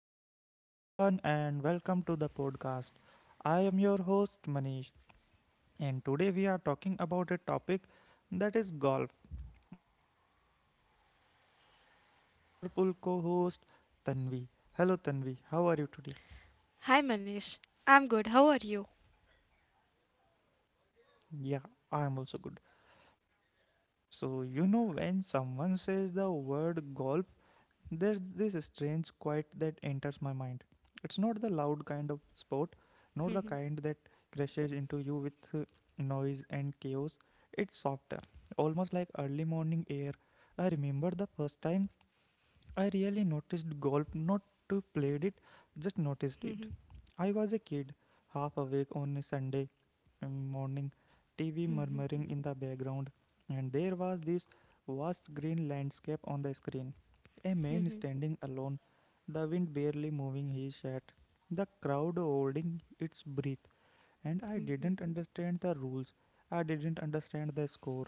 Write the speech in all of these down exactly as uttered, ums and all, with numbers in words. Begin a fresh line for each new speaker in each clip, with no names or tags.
Hello, everyone, and welcome to the podcast. I am your host, Manish, and today we are talking about a topic that is golf. And with me is my wonderful co host, Tanvi. Hello, Tanvi, how are you today?
"Hi, Manish. I'm good. How are you?
Yeah, I am also good. So, you know, when someone says the word golf, there's this strange quiet that enters my mind. It's not the loud kind of sport, not the kind that crashes into you with uh, noise and chaos. It's softer, almost like early morning air. I remember the first time I really noticed golf, not to played it, just
Hm
noticed it. I was a kid, half awake on a Sunday um, morning, T V
hm
murmuring in the background, and there was this vast green landscape on the screen. A man
hm
standing alone, the wind barely moving his shirt, the crowd holding its breath, and I
hm
didn't understand the rules. I didn't understand the score.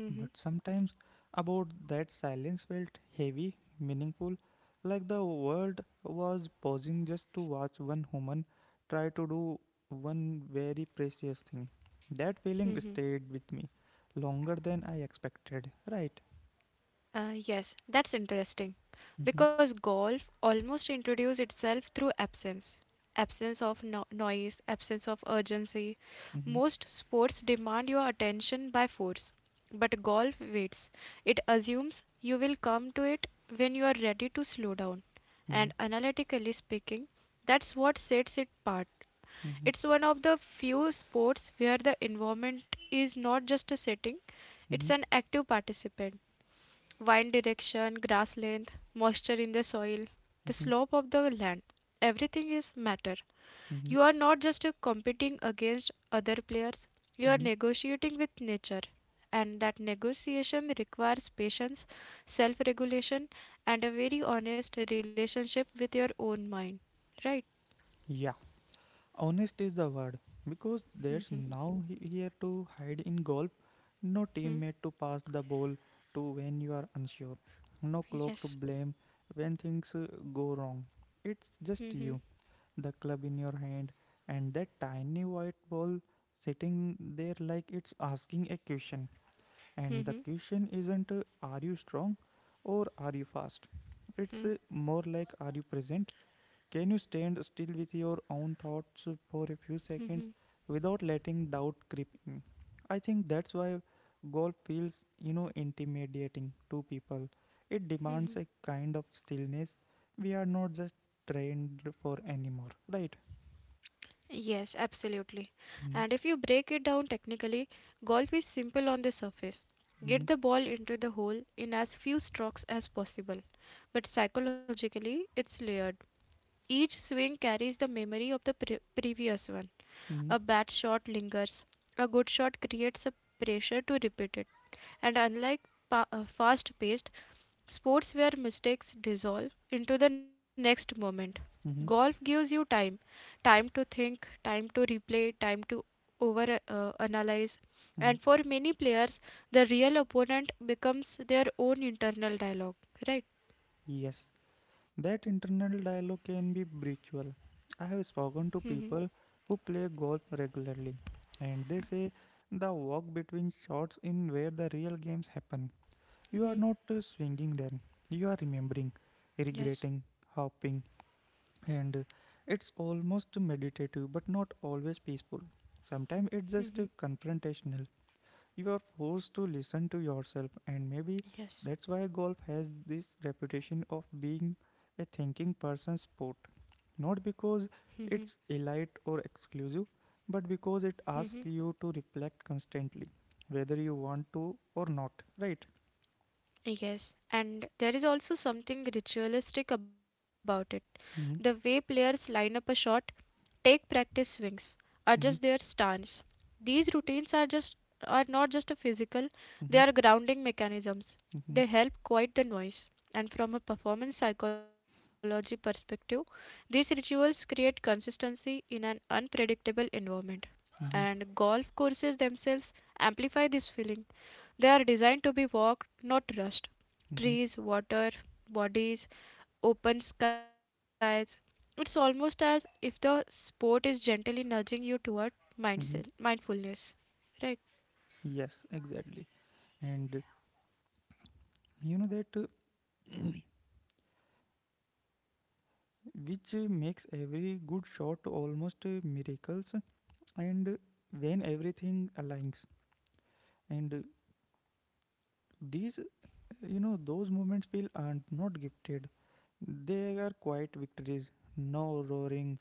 hm
But sometimes about that silence felt heavy, meaningful, like the world was pausing just to watch one human try to do one very precious thing. That feeling stayed with me longer than I expected, right?
hm. Yes, that's interesting,
Mm-hmm,
because golf almost introduces itself through absence. Absence of no noise, absence of urgency.
mm-hmm,
Most sports demand your attention by force, but golf waits. It assumes you will come to it when you are ready to slow down.
mm-hmm,
And analytically speaking, that's what sets it apart. It's one of the few sports where the environment is not just a setting,
mm-hmm,
it's an active participant. Wind direction, grass length, moisture in the soil, the
mm-hmm,
slope of the land, everything is matter.
mm-hmm,
You are not just uh, competing against other players, you are
mm-hmm.
negotiating with nature. And that negotiation requires patience, self regulation, and a very honest relationship with your own mind. Right?
Yeah, honest is the word because there's now he- here to hide in golf, no
Hmm?
teammate to pass the ball to when you are unsure, no clock to
Yes.
blame when things uh, go wrong. It's just
Hmm.
you, the club in your hand, and that tiny white ball sitting there like it's asking a question. And the question isn't uh, are you strong or are you fast? It's uh, more like are you present, can you stand still with your own thoughts for a few seconds without letting doubt creep in? I think that's why golf feels, you know, intimidating to people. It demands
Mhm.
a kind of stillness we are not just trained for anymore, right?
Yes, absolutely. And
Mm-hmm,
if you break it down technically, golf is simple on the surface. Get the ball into the hole in as few strokes as possible. But psychologically, it's layered. Each swing carries the memory of the pre- previous one.
mm-hmm,
A bad shot lingers. A good shot creates a pressure to repeat it. And unlike pa- fast paced, sports where mistakes dissolve into the next moment. Golf
mm-hmm,
gives you time time to think, time to replay, time to over uh, analyze. And
mm-hmm.
for many players, the real opponent becomes their own internal dialogue, right?
Yes, that internal dialogue can be brutal. I have
Mm-hmm.
spoken to people who play golf regularly, and they say the walk between shots in where the real games happen. You are
Mm-hmm.
not uh, swinging then, you are remembering,
Yes.
regretting, hopping, and uh, it's almost meditative but not always peaceful. Sometimes
Hmm.
it's just uh, confrontational, you are forced to listen to yourself and maybe
Yes.
that's why golf has this reputation of being a thinking person's sport, not because it's elite or exclusive but because
Hmm.
it asks you to reflect constantly whether you want to or not, right?
Yes, and there is also something ritualistic about it. The way
Hmm,
players line up a shot, take practice swings, adjust their
hmm,
stance. These routines are just are not just a physical, they are
hmm,
grounding mechanisms. They
hmm,
help quiet the noise. And from a performance psychology perspective, these rituals create consistency in an unpredictable environment. And
hmm,
golf courses themselves amplify this feeling. They are designed to be walked, not rushed.
hmm,
Trees, water bodies, open skies, it's almost as if the sport is gently nudging you toward mindful-
hmm.
mindfulness. Right?
Yes, exactly. And you know that uh, which uh, makes every good shot almost uh, miracles. And when everything aligns and these, you know those moments feel aren't not gifted,
Mm-hmm.
they are quiet victories, no roaring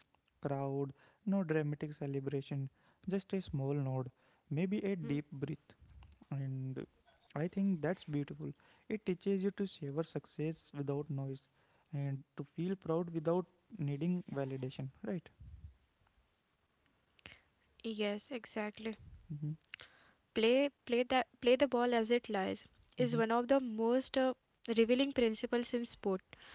crowd, no dramatic celebration, just a small nod, maybe a deep breath.
Mm-hmm.
And I think that's beautiful. It teaches you to savor success without noise and to feel proud without needing validation, right?
Yes, exactly.
Mm-hmm,
Play, play that, play the ball as it lies is one of
mm-hmm,
the most uh, revealing principles in sport.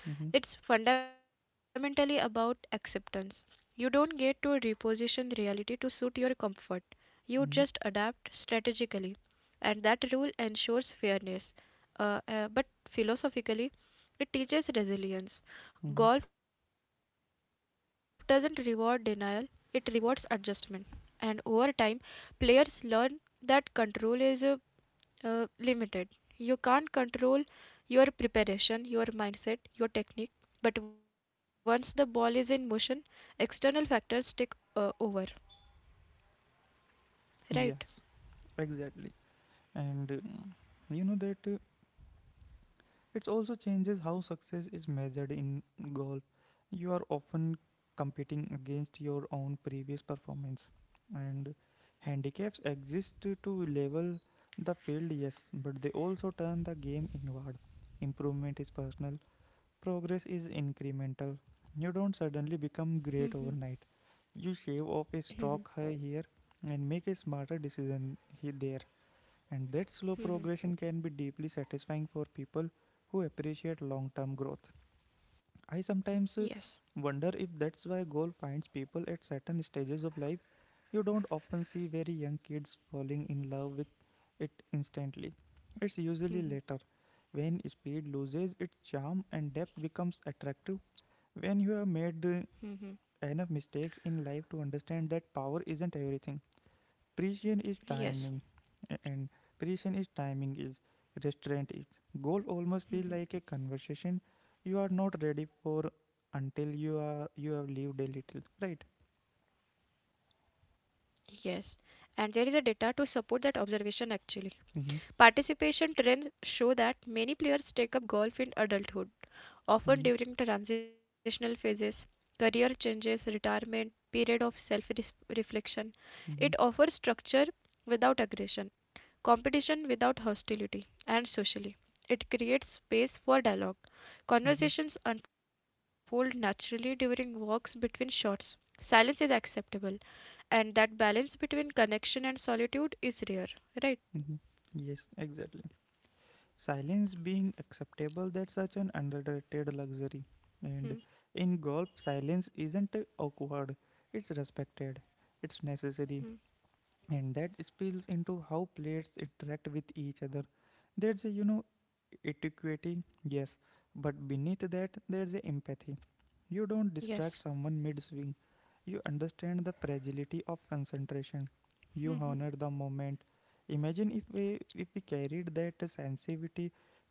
mm-hmm,
It's fundamentally about acceptance. You don't get to reposition reality to suit your comfort. You just
mm-hmm.
adapt strategically, and that rule ensures fairness. Uh, uh, but philosophically, it teaches resilience.
Mm-hmm.
Golf doesn't reward denial, it rewards adjustment. And over time, players learn that control is uh, uh, limited. You can't control your preparation, your mindset, your technique, but once the ball is in motion, external factors take uh, over, right?
Yes, exactly. And uh, you know that uh, it also changes how success is measured in golf. You are often competing against your own previous performance, and handicaps exist to to level the field, yes, but they also turn the game inward. Improvement is personal, progress is incremental. You don't suddenly
Mm-hmm.
become great overnight, you shave
Mm-hmm.
off a stroke hi- here and make a smarter decision he- there, and that
Mm-hmm.
slow progression can be deeply satisfying for people who appreciate long term growth. I
Yes.
sometimes uh, wonder if that's why goal finds people at certain stages of life. You don't often see very young kids falling in love with it instantly. It's usually later, when speed loses its charm and depth becomes attractive, when you have made uh, enough mistakes in life to understand that power isn't everything,
Yes.
precision is timing, and precision is timing is restraint is, goal
Mm-hmm.
almost feel like a conversation you are not ready for until you are, you have lived a little, right?
Yes. And there is a data to support that observation actually. Participation
Mm-hmm,
trends show that many players take up golf in adulthood often during
mm-hmm,
transitional phases, career changes, retirement, period of self reflection. It offers
mm-hmm,
structure without aggression, competition without hostility, and socially. It creates space for dialogue.
mm-hmm,
Conversations unfold naturally during walks between shots. Silence is acceptable, and that balance between connection and solitude is rare, right?
mm-hmm. Yes, exactly. Silence being acceptable, that's such an underrated luxury. And
Hmm.
in golf, silence isn't awkward, it's respected, it's necessary. And that spills into how plates interact with each other. There's a, you know etiquette, yes, but beneath that there's a empathy. You don't distract
Yes.
someone mid swing, you understand the fragility of concentration, you
Hmm. Hmm.
honor the moment. Imagine if we if we carried that sensitivity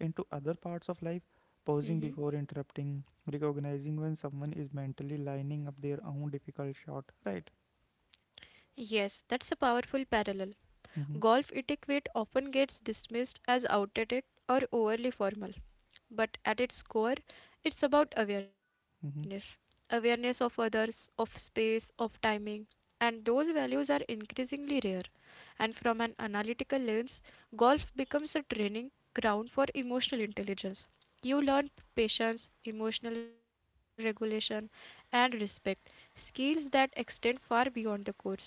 into other parts of life, pausing
Hmm, hmm.
before interrupting, recognizing when someone is mentally lining up their own difficult shot, right?
Yes, that's a powerful parallel. Golf
Mm-hmm,
etiquette often gets dismissed as outdated or overly formal, but at its core, it's about awareness
mm-hmm.
awareness of others, of space, of timing, and those values are increasingly rare. And from an analytical lens, golf becomes a training ground for emotional intelligence. You learn patience, emotional regulation, and respect skills that extend far beyond the course, right?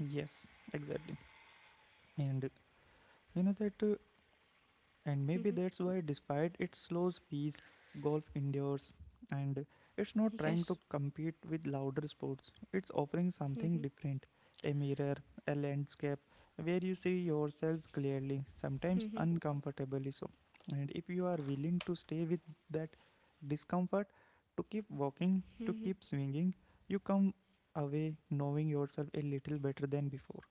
Yes, exactly. And you know that uh, and
Mm-hmm.
maybe that's why, despite its slow pace, golf endures. And
Yes.
it's not trying to compete with louder sports, it's offering
Mm-hmm.
something different, a mirror, a landscape where you see yourself clearly, sometimes
Mm-hmm.
uncomfortably so. And if you are willing to stay with that discomfort, to keep
Mhm.
walking, to keep swinging, you come away knowing yourself a little better than before.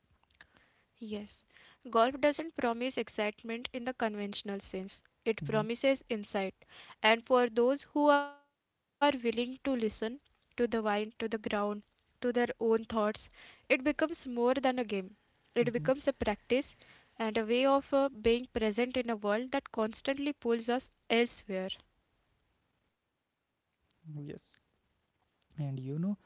Yes, golf doesn't promise excitement in the conventional sense. It
Mm-hmm.
promises insight. And for those who are willing to listen to the wind, to the ground, to their own thoughts, it becomes more than a game. It becomes a
Mm-hmm.
practice and a way of uh, being present in a world that constantly pulls us elsewhere.
Yes, and you know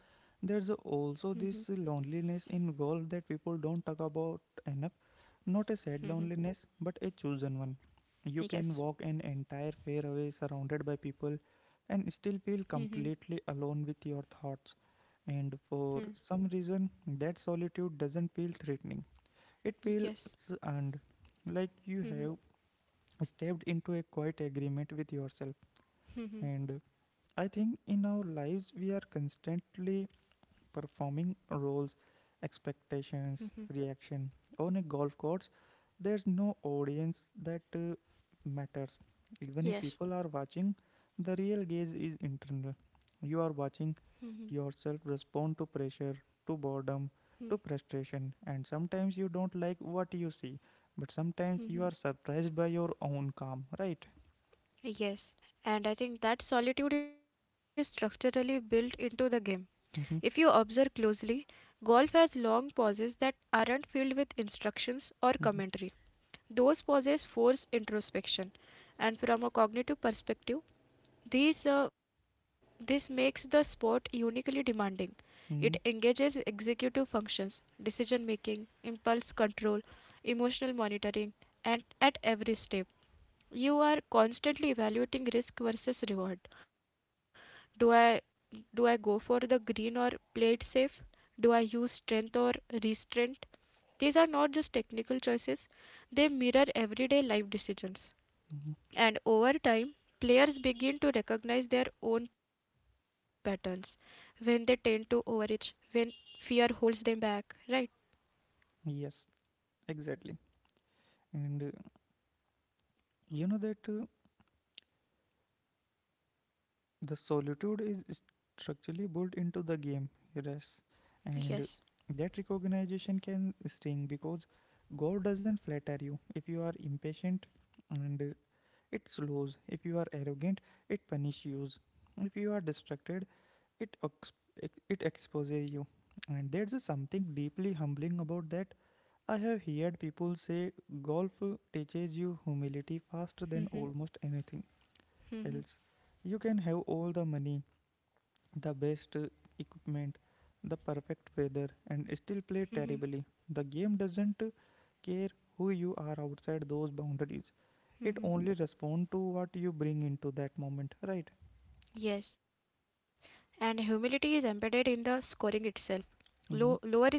there's
Mhm.
also this loneliness in golf that people don't talk about enough, not a sad
Mhm.
loneliness but a chosen one. You can
Yes.
walk an entire fairway surrounded by people and
Mhm.
still feel completely alone with your thoughts.
Hmm.
And for some reason, that solitude doesn't feel threatening, it
Yes.
feels earned, like you have stepped into a quiet agreement with yourself.
Mhm.
And I think in our lives we are constantly performing roles, expectations, reaction. On a golf course, there's no audience that uh, matters. Even if
Yes.
people are watching, the real gaze is internal. You are watching yourself respond to pressure, to boredom, to frustration, and sometimes you don't like what you see, but
Hmm.
sometimes you are surprised by your own calm, right?
Yes, and I think that solitude is structurally built into the game. If you
Mhm,
observe closely, golf has long pauses that aren't filled with instructions or commentary.
mhm,
Those pauses force introspection, and from a cognitive perspective, these, uh, this makes the sport uniquely demanding. It engages
mhm,
executive functions, decision making, impulse control, emotional monitoring, and at every step you are constantly evaluating risk versus reward. Do I do I go for the green or play it safe? Do I use strength or restraint? These are not just technical choices, they mirror everyday life decisions.
mhm.
And over time, players begin to recognize their own patterns when they tend to overage, when fear holds them back, right?
Yes, exactly. And uh, you know that uh, the solitude is structurally built into the game, yes, and
Yes.
that recognition can sting because God doesn't flatter you. If you are impatient, and uh, it slows. If you are arrogant, it punishes you. If you are distracted, it ex- it exposes you. And there's a something deeply humbling about that. I have heard people say golf uh, teaches you humility faster than
Mm-hmm.
almost anything
Mm-hmm.
else. You can have all the money, the best uh, equipment, the perfect weather, and still
Mm-hmm.
play terribly. The game doesn't uh, care who you are outside those boundaries. It
Mm-hmm.
only responds to what you bring into that moment, right?
Yes, and humility is embedded in the scoring itself. Low, lower
Mm-hmm.
is better.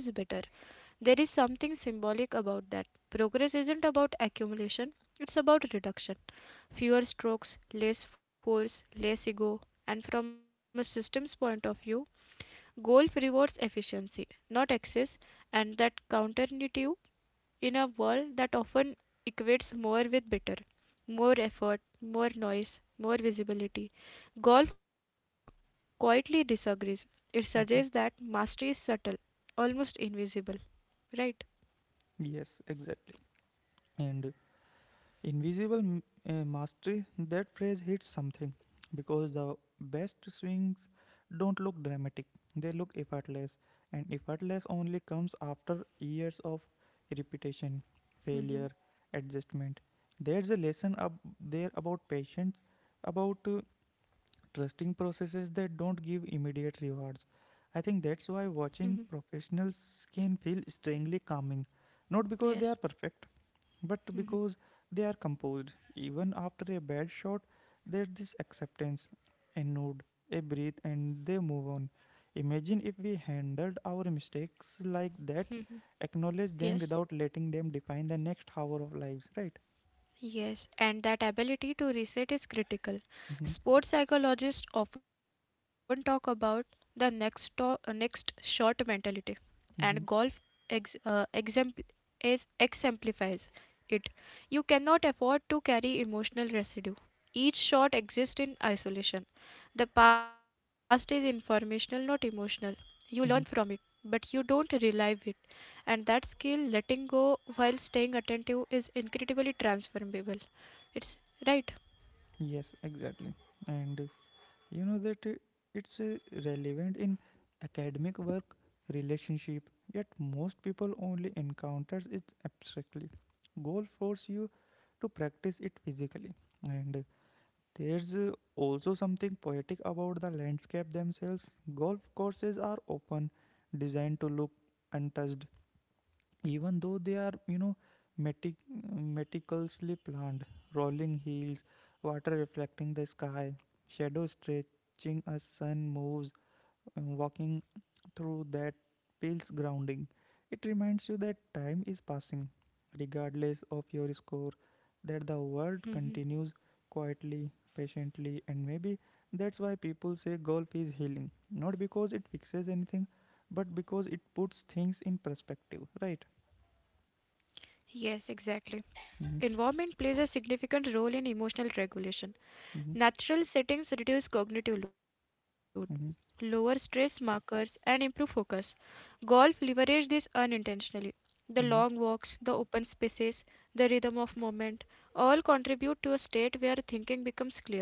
There is something symbolic about that. Progress isn't about accumulation, it's about reduction. Fewer strokes, less force, less ego. And from a systems point of view, golf rewards efficiency, not excess, and that counterintuitive in a world that often equates more with better, more effort, more noise, more visibility. Golf quietly disagrees. It suggests that
Mm-hmm.
mastery is subtle, almost invisible, right?
Yes, exactly. And uh, invisible m- uh, mastery, that phrase hits something because the best swings don't look dramatic, they look effortless, and effortless only comes after years of repetition,
Mm-hmm.
failure, adjustment. There's a lesson up there about patience, about uh, trusting processes that don't give immediate rewards. I think
Mm-hmm.
that's why watching professionals can feel strangely calming, not because
Yes.
they are perfect, but
Mm-hmm.
because they are composed. Even after a bad shot, there's this acceptance, a nod, a breathe, and they move on. Imagine if we handled our mistakes like
Mm-hmm.
that, acknowledge
Yes.
them without letting them define the next hour of lives, right?
Yes, and that ability to reset is critical.
Mm-hmm,
Sports psychologists often talk about the next to- uh, next shot mentality, and golf
mm-hmm,
ex- uh, exempl- is exemplifies it. You cannot afford to carry emotional residue. Each shot exists in isolation. The past is informational, not emotional. You learn from it,
mm-hmm.
but you don't relive it and that skill letting go while staying attentive is incredibly transformable. It's right.
Yes, exactly. And you know that uh, it's uh, relevant in academic work, relationship, yet most people only encounters it abstractly. Goal force you to practice it physically. And uh, there's uh, also something poetic about the landscape themselves. Golf courses are open, designed to look untouched, even though they are, you know metic- meticulously planned, rolling hills, water reflecting the sky, shadow stretching as sun moves. And walking through that feels grounding. It reminds you that time is passing regardless of your score, that the world
Hmm.
continues quietly, patiently. And maybe that's why people say golf is healing, not because it fixes anything, but because it puts things in perspective, right?
Yes, exactly.
Mhm.
Environment plays a significant role in emotional regulation.
Mm-hmm,
Natural settings reduce cognitive load, lower
mm-hmm,
stress markers, and improve focus. Golf leverages this unintentionally. The long walks,
mm-hmm,
the open spaces, the rhythm of movement all contribute to a state where thinking becomes clearer.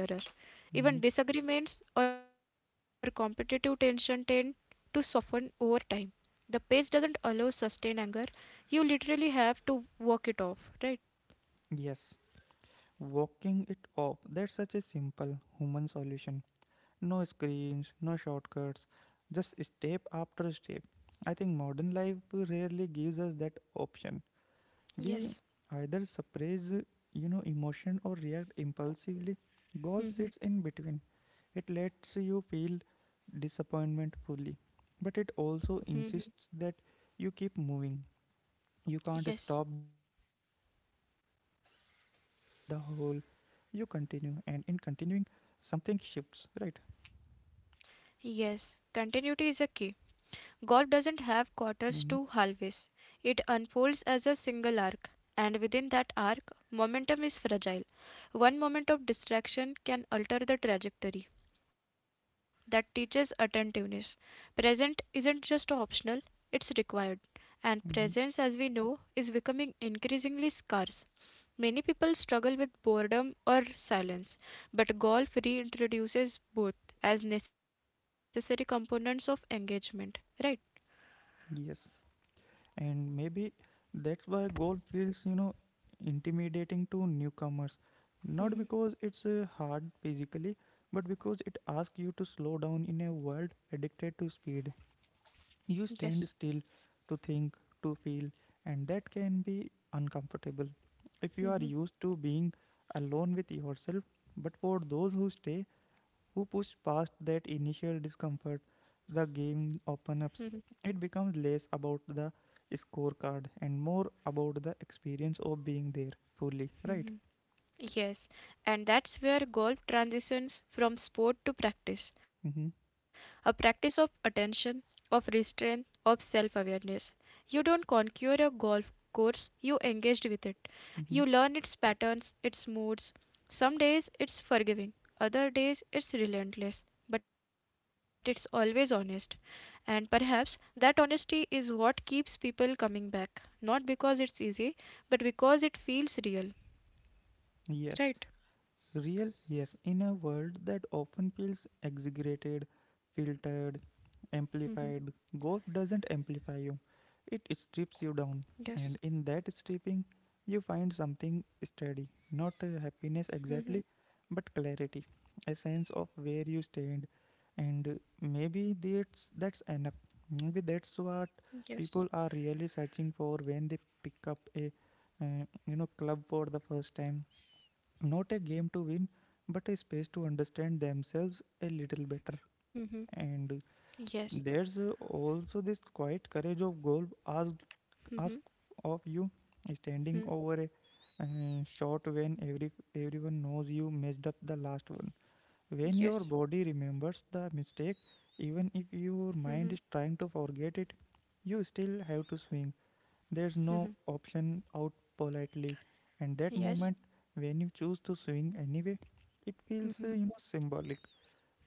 Even
mm-hmm.
disagreements or competitive tension tend to soften over time. The pace doesn't allow sustained anger. You literally have to walk it off, right?
Yes, walking it off. That's such a simple human solution. No screens, no shortcuts, just step after step. I think modern life rarely gives us that option. We
Yes.
either suppress, you know, emotion or react impulsively. Golf
Hmm.
sits in between. It lets you feel disappointment fully, but it
Hmm.
also insists that you keep moving. You
Yes.
can't stop the game, you can't skip the whole, you continue, and in continuing, something shifts, right?
Yes, continuity is a key. Golf doesn't have quarters to
Hmm,
halves, it unfolds as a single arc, and within that arc, momentum is fragile. One moment of distraction can alter the trajectory. That teaches attentiveness. Present isn't just optional, it's required. And presence,
hmm.
as we know, is becoming increasingly scarce. Many people struggle with boredom or silence, but golf reintroduces both as necessary components of engagement, right?
Yes, and maybe that's why goal feels, you know, intimidating to newcomers. Not
Hmm.
because it's uh, hard physically, but because it asks you to slow down in a world addicted to speed.
Yes.
You stand still to think, to feel, and that can be uncomfortable if you are used to being alone with yourself. But for those who stay, who push past that initial discomfort, the game opens up. It becomes less about the scorecard and more about the experience of being there fully, right?
Yes, and that's where golf transitions from sport to practice, a
Mm-hmm.
practice of attention, of restraint, of self awareness. You don't conquer a golf course, you engaged with it. You
Mm-hmm.
learn its patterns, its moods. Some days it's forgiving, other days it's relentless, but it's always honest. And perhaps that honesty is what keeps people coming back, not because it's easy, but because it feels real. Right?
Yes. Real, yes, in a world that often feels exaggerated, filtered, amplified, golf doesn't amplify you, it strips
Yes,
you down. And in that stripping, you find something steady, not uh, happiness exactly, but clarity, a sense of where you stand. And uh, maybe that's, that's enough. Maybe that's what
yes.
people are really searching for when they pick up a uh, you know club for the first time. Not a game to win, but a space to understand themselves a little better.
Mm-hmm.
And
Yes.
there's uh, also this quiet courage of goal asked
Mm-hmm.
ask of you, standing
Mm-hmm.
over a uh, shot when every everyone knows you messed up the last one, when your
Yes.
body remembers the mistake even if
Mm-hmm.
your mind is trying to forget it. You still have to swing, there's no option out politely. And that
Yes.
moment when you choose to swing anyway, it feels uh, you
Mm-hmm.
know symbolic.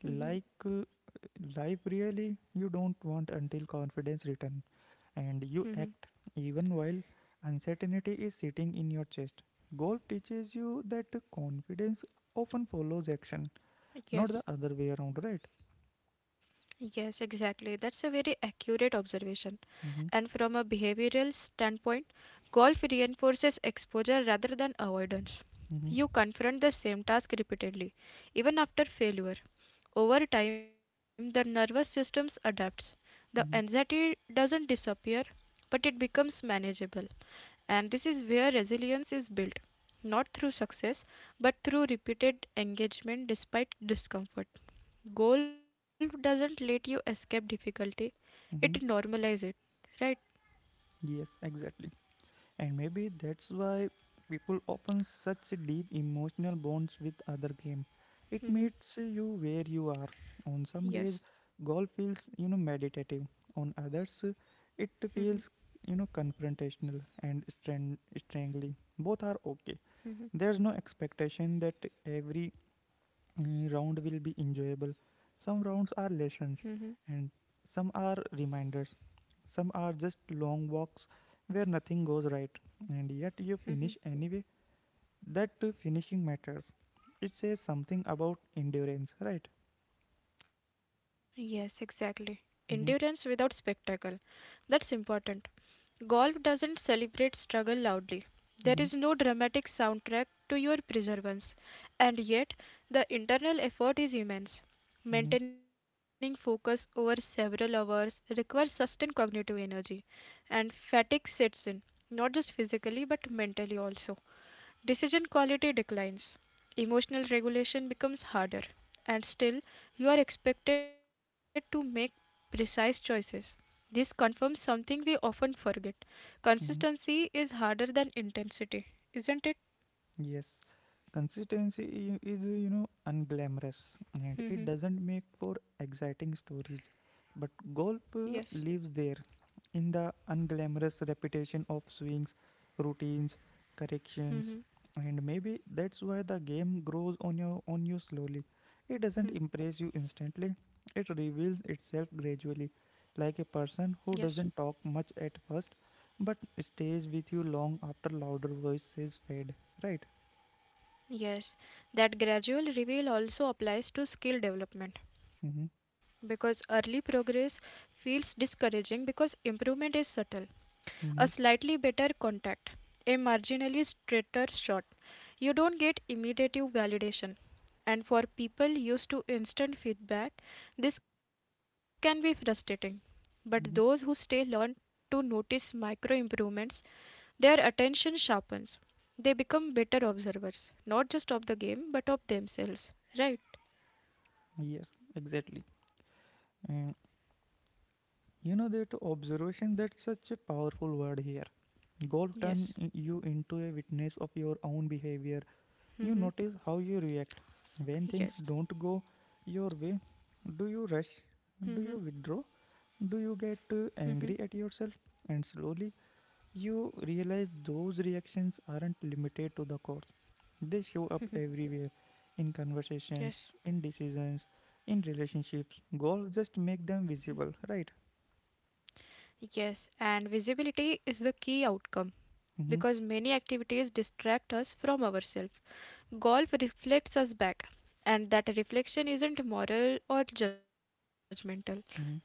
Like
Mm-hmm.
uh, Life really you don't want until confidence returns and you
Mm-hmm.
act even while uncertainty is sitting in your chest. Golf teaches you that confidence often follows action, not the
Yes.
other way around, right?
Yes, exactly. That's a very accurate observation. And
Mm-hmm,
from a behavioral standpoint, golf reinforces exposure rather than avoidance.
mm-hmm,
You confront the same task repeatedly, even after failure. Over time, the nervous system adapts. The
mm-hmm,
anxiety doesn't disappear, but it becomes manageable. And this is where resilience is built, not through success, but through repeated engagement despite discomfort. Goal doesn't let you escape difficulty, it
mm-hmm.
normalizes it, right?
Yes, exactly. And maybe that's why people open such deep emotional bonds with other game. It
Hmm.
meets you where you are. On some days,
Yes.
golf feels you know meditative. On others, it feels you know confrontational and strang- strangely. Both are okay.
Hmm.
There's no expectation that every uh, round will be enjoyable. Some rounds are
Hmm.
lessons, and some are reminders. Some are just long walks where nothing goes right, and yet you finish anyway. That uh, finishing matters. It says something about endurance, right?
Yes, exactly. Endurance
Mm-hmm,
without spectacle. That's important. Golf doesn't celebrate struggle loudly. There is
mm-hmm,
no dramatic soundtrack to your perseverance, and yet the internal effort is immense.
mm-hmm,
Maintaining focus over several hours requires sustained cognitive energy, and fatigue sets in, not just physically but mentally also. Decision quality declines, emotional regulation becomes harder, and still you are expected to make precise choices. This confirms something we often forget
mm-hmm.
consistency is harder than intensity, isn't it?
Yes, consistency i- is, you know, unglamorous and it
Hmm.
doesn't make for exciting stories. But golf
Yes.
uh, lives there in the unglamorous repetition of swings, routines,
Hmm.
corrections, and maybe that's why the game grows on you on you slowly. It doesn't impress you instantly. It reveals itself gradually, like a
Yes.
person who doesn't talk much at first but stays with you long after louder voices fade, right?
Yes, that gradual reveal also applies to skill development
Mm-hmm,
because early progress feels discouraging because improvement is subtle. A
mm-hmm,
slightly better contact, a marginally straighter shot. You don't get immediate validation. And for people used to instant feedback, this can be frustrating. But those who
mm-hmm.
stay learn to notice micro improvements their attention sharpens. They become better observers, not just of the game, but of themselves. Right?
Yes, exactly. And you know that observation, that's such a powerful word here. Goal turn
Yes.
i- you into a witness of your own behavior. You
Mm-hmm.
notice how you react. When things don't
Yes.
go your way, do you rush?
Mm-hmm.
Do you withdraw? Do you get uh,
Mm-hmm.
angry at yourself? And slowly you realize those reactions aren't limited to the courts. They show
Mm-hmm.
up everywhere, in
Yes.
conversations, in decisions, in relationships. Goals just make them visible, right?
Yes. And visibility is the key outcome
Mm-hmm,
because many activities distract us from ourselves. Golf reflects us back, and that reflection isn't moral or judgmental. It's
mm-hmm,
neutral.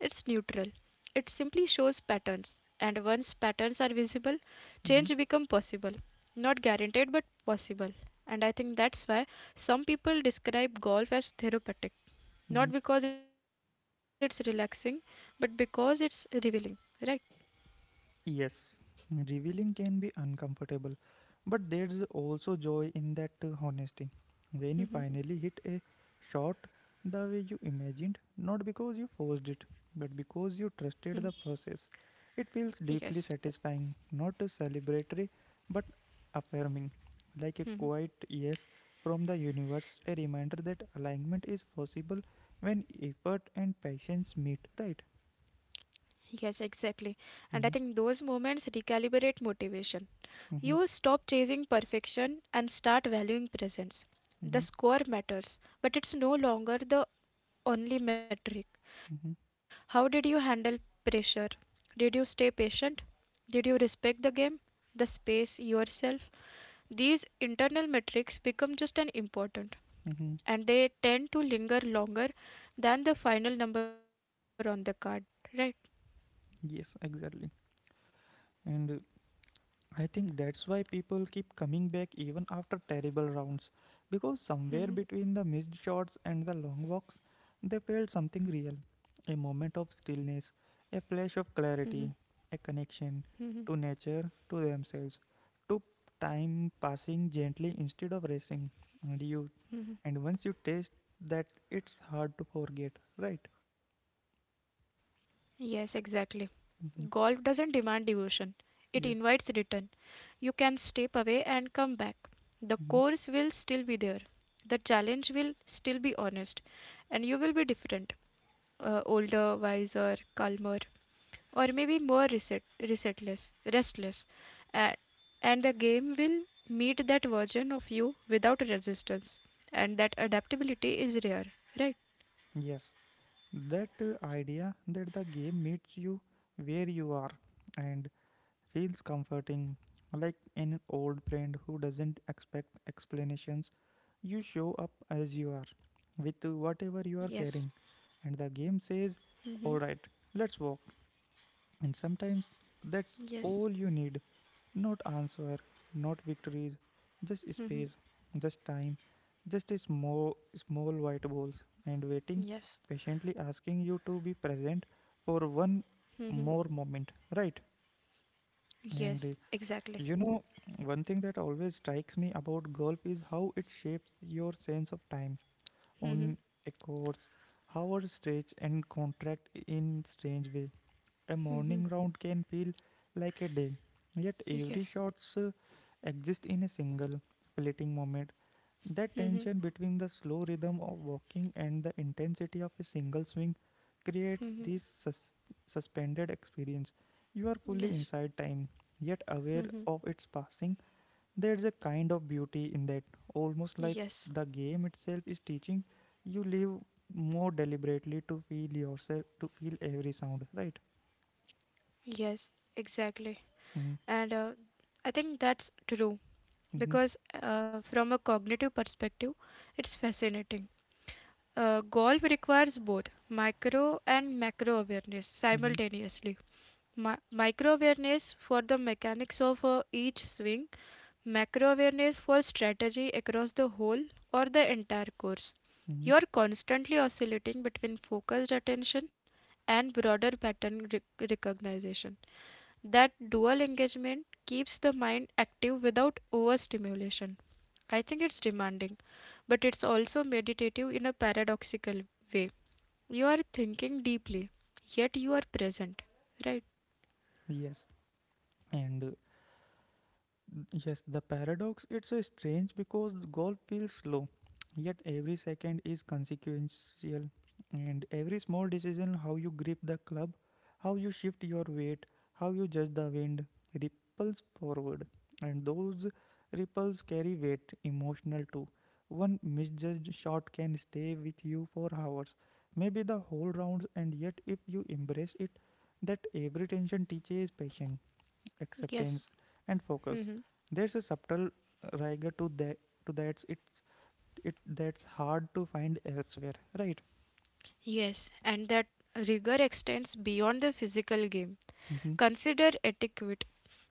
It simply shows patterns, and once patterns are visible, change
mm-hmm,
becomes possible. Not guaranteed, but possible. And I think that's why some people describe golf as therapeutic,
mm-hmm.
not because it's relaxing, but because it's revealing, right?
Yes, revealing can be uncomfortable, but there's also joy in that uh, honesty. When you
Hmm.
finally hit a shot the way you imagined, not because you forced it, but because you
Hmm.
trusted the process, it feels
Yes.
deeply satisfying, not uh, celebratory, but affirming, like a
Hmm.
quiet yes from the universe, a reminder that alignment is possible when effort and patience meet, right?
Yes, exactly. And I think
Mm-hmm,
those moments recalibrate motivation.
mm-hmm,
You stop chasing perfection and start valuing presence.
mm-hmm,
The score matters, but it's no longer the only metric.
mm-hmm,
How did you handle pressure? Did you stay patient? Did you respect the game, the space, yourself? These internal metrics become just as important
mm-hmm.
and they tend to linger longer than the final number on the card, right?
Yes, exactly. And uh, I think that's why people keep coming back even after terrible rounds. Because
Mhm,
somewhere between the missed shots and the long walks, they felt something real, a moment of stillness, a flash of
mhm,
clarity, a
mhm.
connection to nature, to themselves, to time passing gently instead of racing. And you, and once you taste that, it's hard to forget, right?
Yes, exactly. Golf doesn't demand
Hmm.
devotion, it invites return.
Yeah.
You can step away and come back. The course will still
Hmm.
be there, the challenge will still be honest, and you will be different, uh, older, wiser, calmer, or maybe more reset, resetless, restless. A- and the game will meet that version of you without resistance, and that adaptability is rare, right?
Yes. That uh, idea that the game meets you where you are and feels comforting, like an old friend who doesn't expect explanations. You show up as you are with uh, whatever you are
Yes.
carrying, and the game
Hmm.
says, alright, let's walk. And sometimes
Yes.
that's all you need. Not answer, not victories, just space, just time, just a small, small white balls and waiting,
Yes.
patiently asking you to be present for one
Mm-hmm.
more moment, right?
Yes.
And uh,
Exactly.
you know, one thing that always strikes me about golf is how it shapes your sense of time on
Mm-hmm.
a course, how our stretch and contract in strange way. A morning round can feel like a day, yet every
Yes.
shot exists in a single, fleeting moment. That
Mm-hmm.
tension between the slow rhythm of walking and the intensity of a single swing creates
Mm-hmm.
this sus- suspended experience. You are fully
Yes.
inside time, yet aware of its passing. There's a kind of beauty in that, almost like
Yes.
the game itself is teaching you live more deliberately, to feel yourself, to feel every sound, right?
Yes. Exactly.
Mhm.
And uh, I think that's true
Mm-hmm.
because uh, from a cognitive perspective, it's fascinating. Uh, golf requires both micro and macro awareness
Mm-hmm.
simultaneously. Mi- micro awareness for the mechanics of uh, each swing, macro awareness for strategy across the whole or the entire course.
Mm-hmm.
You're constantly oscillating between focused attention and broader pattern rec- recognition. That dual engagement keeps the mind active without overstimulation. I think it's demanding, but it's also meditative in a paradoxical way. You are thinking deeply, yet you are present, right?
Yes. And uh, Yes, the paradox it's a strange because the golf feels slow, yet every second is consequential, and every small decision, how you grip the club, how you shift your weight, how you judge the wind, ripples forward, and those ripples carry weight, emotional too. One misjudged shot can stay with you for hours, maybe the whole rounds, and yet if you embrace it, that every tension teaches patience, acceptance,
Yes.
and focus.
Hmm.
There's a subtle rigor to that to that it's it that's hard to find elsewhere, right?
Yes, and that rigor extends beyond the physical game.
Mm-hmm,
Consider etiquette.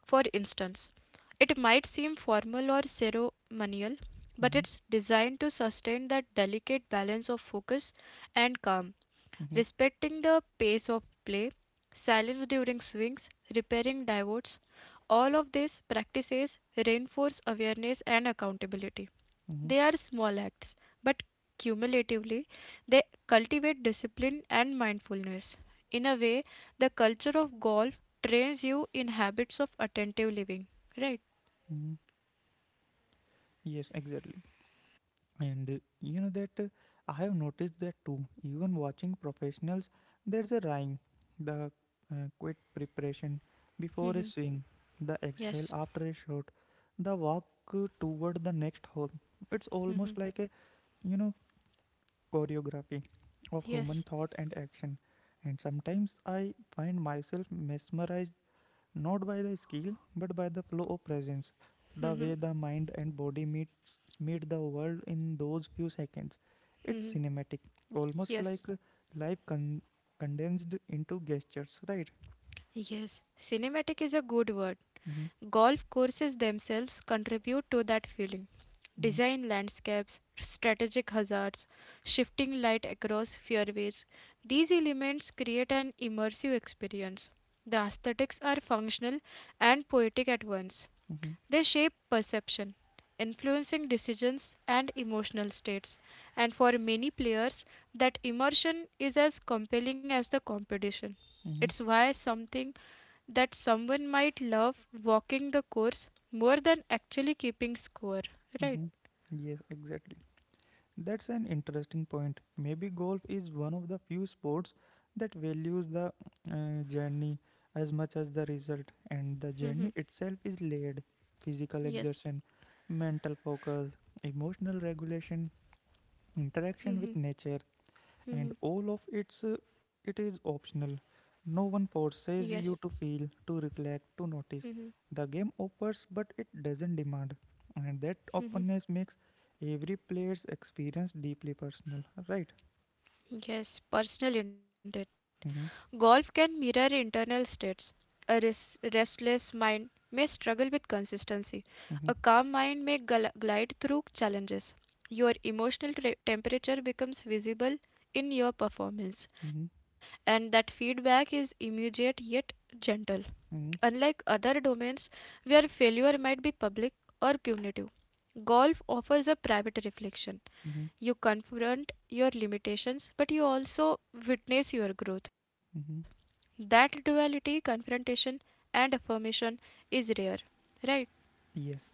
For instance, it might seem formal or ceremonial, but
mm-hmm,
it's designed to sustain that delicate balance of focus and calm,
mm-hmm,
respecting the pace of play, silence during swings, repairing divots. All of these practices reinforce awareness and accountability.
mm-hmm,
They are small acts, but cumulatively, they cultivate discipline and mindfulness. In a way, the culture of golf trains you in habits of attentive living, right?
mm-hmm. Yes, exactly. And uh, you know that uh, I have noticed that too, even watching professionals. There's a rhyme, the uh, quick preparation before a
Mhm.
swing, the exhale
Yes,
after a shot, the walk uh, toward the next hole. It's almost like a you know choreography of human
yes.
thought and action. And sometimes I find myself mesmerized, not by the skill but by the flow of presence, the way the mind and body meets meet the world in those few seconds. It's
Mhm.
cinematic, almost
Yes,
like uh, life con- condensed into gestures, right?
yes. Cinematic is a good word.
Mm-hmm,
Golf courses themselves contribute to that feeling.
mm-hmm,
Design landscapes, strategic hazards, shifting light across fairways, these elements create an immersive experience. The aesthetics are functional and poetic at once.
mm-hmm,
They shape perception, influencing decisions and emotional states. And for many players, that immersion is as compelling as the competition.
mm-hmm,
It's why something that someone might love walking the course more than actually keeping score, right?
mm-hmm. Yes, exactly. That's an interesting point. Maybe golf is one of the few sports that values the uh, journey as much as the result, and the journey itself is layered: physical exertion,
Yes.
mental focus, emotional regulation, interaction with
Mhm,
nature, and all
mhm,
of it's uh, it is optional. No one forces
yes.
you to feel, to reflect, to notice.
Mhm,
The game offers but it doesn't demand, and that openness
mhm.
makes every player's experience deeply personal, right?
Yes, personal indeed.
Mm-hmm,
Golf can mirror internal states. A res- restless mind may struggle with consistency.
mm-hmm,
A calm mind may gl- glide through challenges. Your emotional tra- temperature becomes visible in your
mm-hmm,
performance, and that feedback is immediate yet gentle.
mm-hmm,
Unlike other domains where failure might be public or punitive, golf offers a private reflection.
mm-hmm.
You confront your limitations, but you also witness your growth.
Mm-hmm.
That duality, confrontation and affirmation, is rare, right?
Yes,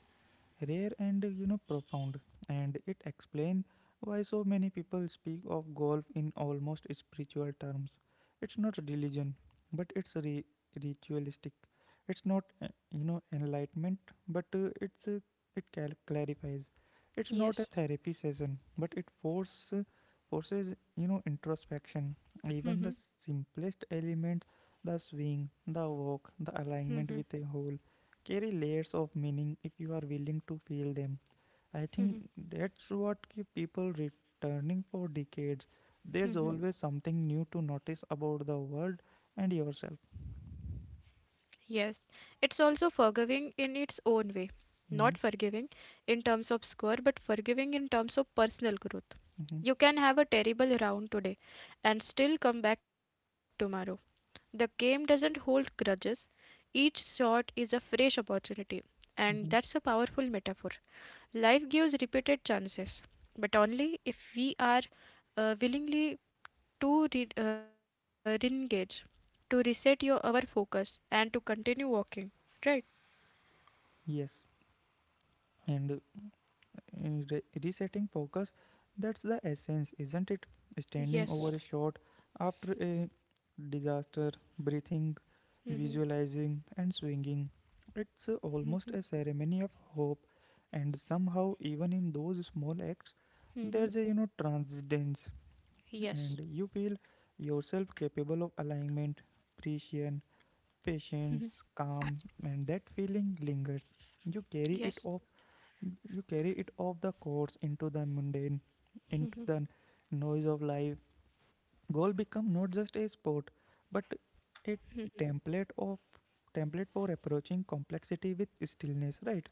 rare and you know profound, and it explains why so many people speak of golf in almost spiritual terms. It's not religion, but it's re- ritualistic. It's not uh, you know enlightenment, but uh, it's uh, it cal- clarifies. It's not a
Yes.
therapy session but it force forces you know introspection. Even the
Mhm.
simplest elements, the swing, the walk, the
Mhm.
alignment with a whole, carry layers of meaning if you are willing to feel them. I think that's what keep people returning for decades. There's always something new to notice about the world and yourself.
Yes, it's also forgiving in its own way. Not
Hmm.
forgiving in terms of score, but forgiving in terms of personal growth. You
Mm-hmm.
can have a terrible round today and still come back tomorrow. The game doesn't hold grudges. Each shot is a fresh opportunity, and that's a
Mm-hmm.
powerful metaphor. Life gives repeated chances, but only if we are uh, willingly to re- uh, re-engage, to reset your our focus, and to continue walking. Right?
Yes, and uh, Uh, re- resetting focus, that's the essence, isn't it? Standing over a
Yes.
shot after a disaster, breathing,
Mm-hmm.
visualizing, and swinging. It's uh, almost a ceremony of hope, and somehow even in those small acts there's
Mm-hmm.
a you know transcendence, and
Yes.
you feel yourself capable of alignment, precision,
Mm-hmm.
patience, calm, and that feeling lingers. you carry
Yes.
it off you carry it off the course, into the mundane, into the noise of life. Goal become not just a sport but a template of template for approaching complexity with stillness, right?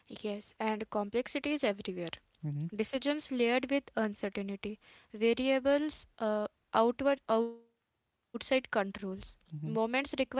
Yes. And complexity is everywhere.
Mm-hmm,
Decisions layered with uncertainty, variables, uh, outward outside controls, moments
mm-hmm,
requiring poise.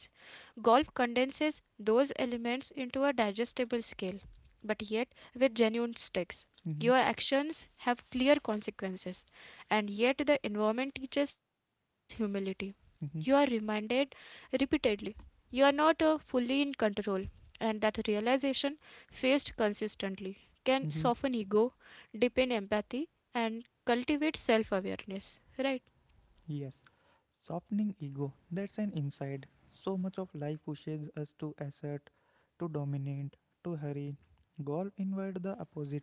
Golf condenses those elements into a digestible scale, but yet with genuine stakes. Your
mm-hmm,
actions have clear consequences, and yet the environment teaches humility. You are
mm-hmm,
reminded repeatedly you are not uh, fully in control, and that realization, faced consistently, can
mm-hmm.
soften ego, deepen empathy, and cultivate self awareness, right?
Yes, softening ego, that's an inside. So much of life pushes us to assert, to dominate, to hurry. Golf invites the opposite.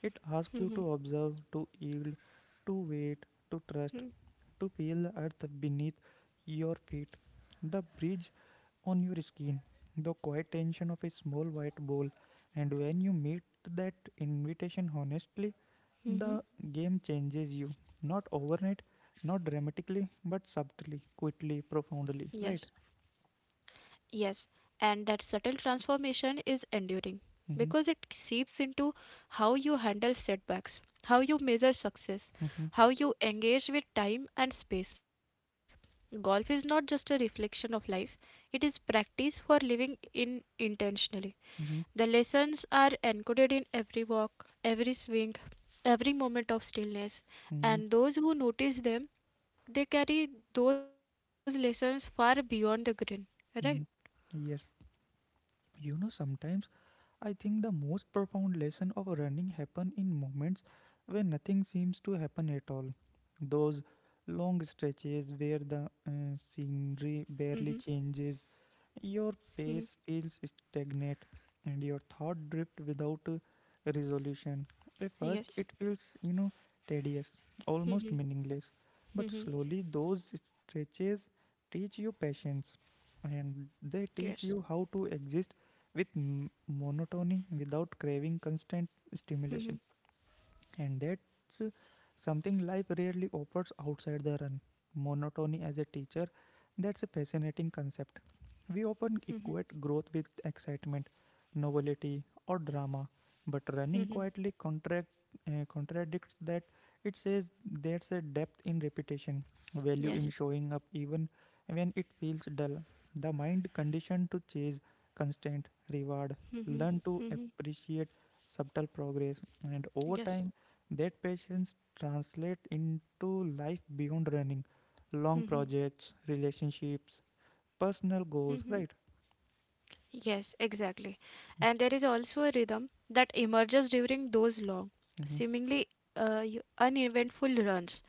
It asks
Mhm.
you to observe, to yield, to wait, to trust,
Mhm.
to feel the earth beneath your feet, the breeze on your skin, the quiet tension of a small white ball. And when you meet that invitation honestly,
Hmm.
the game changes you. Not overnight, not dramatically, but subtly, quietly,
Yes.
profoundly, right?
Yes. And that subtle transformation is enduring because it
Mm-hmm,
seeps into how you handle setbacks, how you measure success,
mm-hmm,
how you engage with time and space. Golf is not just a reflection of life, it is practice for living in intentionally. The
mm-hmm,
lessons are encoded in every walk, every swing, every moment of stillness,
mm-hmm,
and those who notice them, they carry those lessons far beyond the grin. Right?
mm-hmm. Yes. You know, sometimes I think the most profound lesson of running happen in moments where nothing seems to happen at all. Those long stretches where the uh,
Mm-hmm.
scenery barely changes,
Mm-hmm.
your pace feels stagnant, and your thought drift without uh, resolution. At first,
Yes.
it feels, you know, tedious, almost meaningless. But slowly, those stretches teach you patience,
Yes.
and they teach you how to exist with m- monotony without craving constant
Mm-hmm.
stimulation, and that's uh, something life rarely offers outside the run. Monotony as a teacher, that's a fascinating concept. We often equate growth with excitement, novelty, or drama, but running
Mm-hmm. Mm-hmm.
quietly contract, uh, contradicts that. It says there's a depth in repetition, value in
Yes.
showing up even when it feels dull. The mind conditioned to chase constant reward, learn to appreciate subtle progress, and over
Yes.
time that patience translate into life beyond running, long projects, relationships,
Mm-hmm.
personal goals, right?
Yes, exactly. And there is also a rhythm that emerges during those long,
Mm-hmm,
seemingly uh, y- uneventful runs.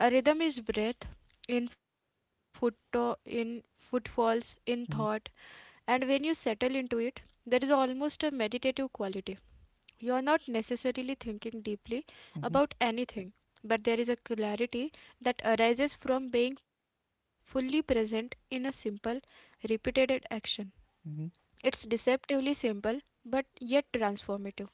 A rhythm is breath, in foot in footfalls, in thought,
mm-hmm,
and when you settle into it, there is almost a meditative quality. You are not necessarily thinking deeply about
mm-hmm,
anything, but there is a clarity that arises from being fully present in a simple, repeated action. It's
mm-hmm,
deceptively simple, but yet transformative.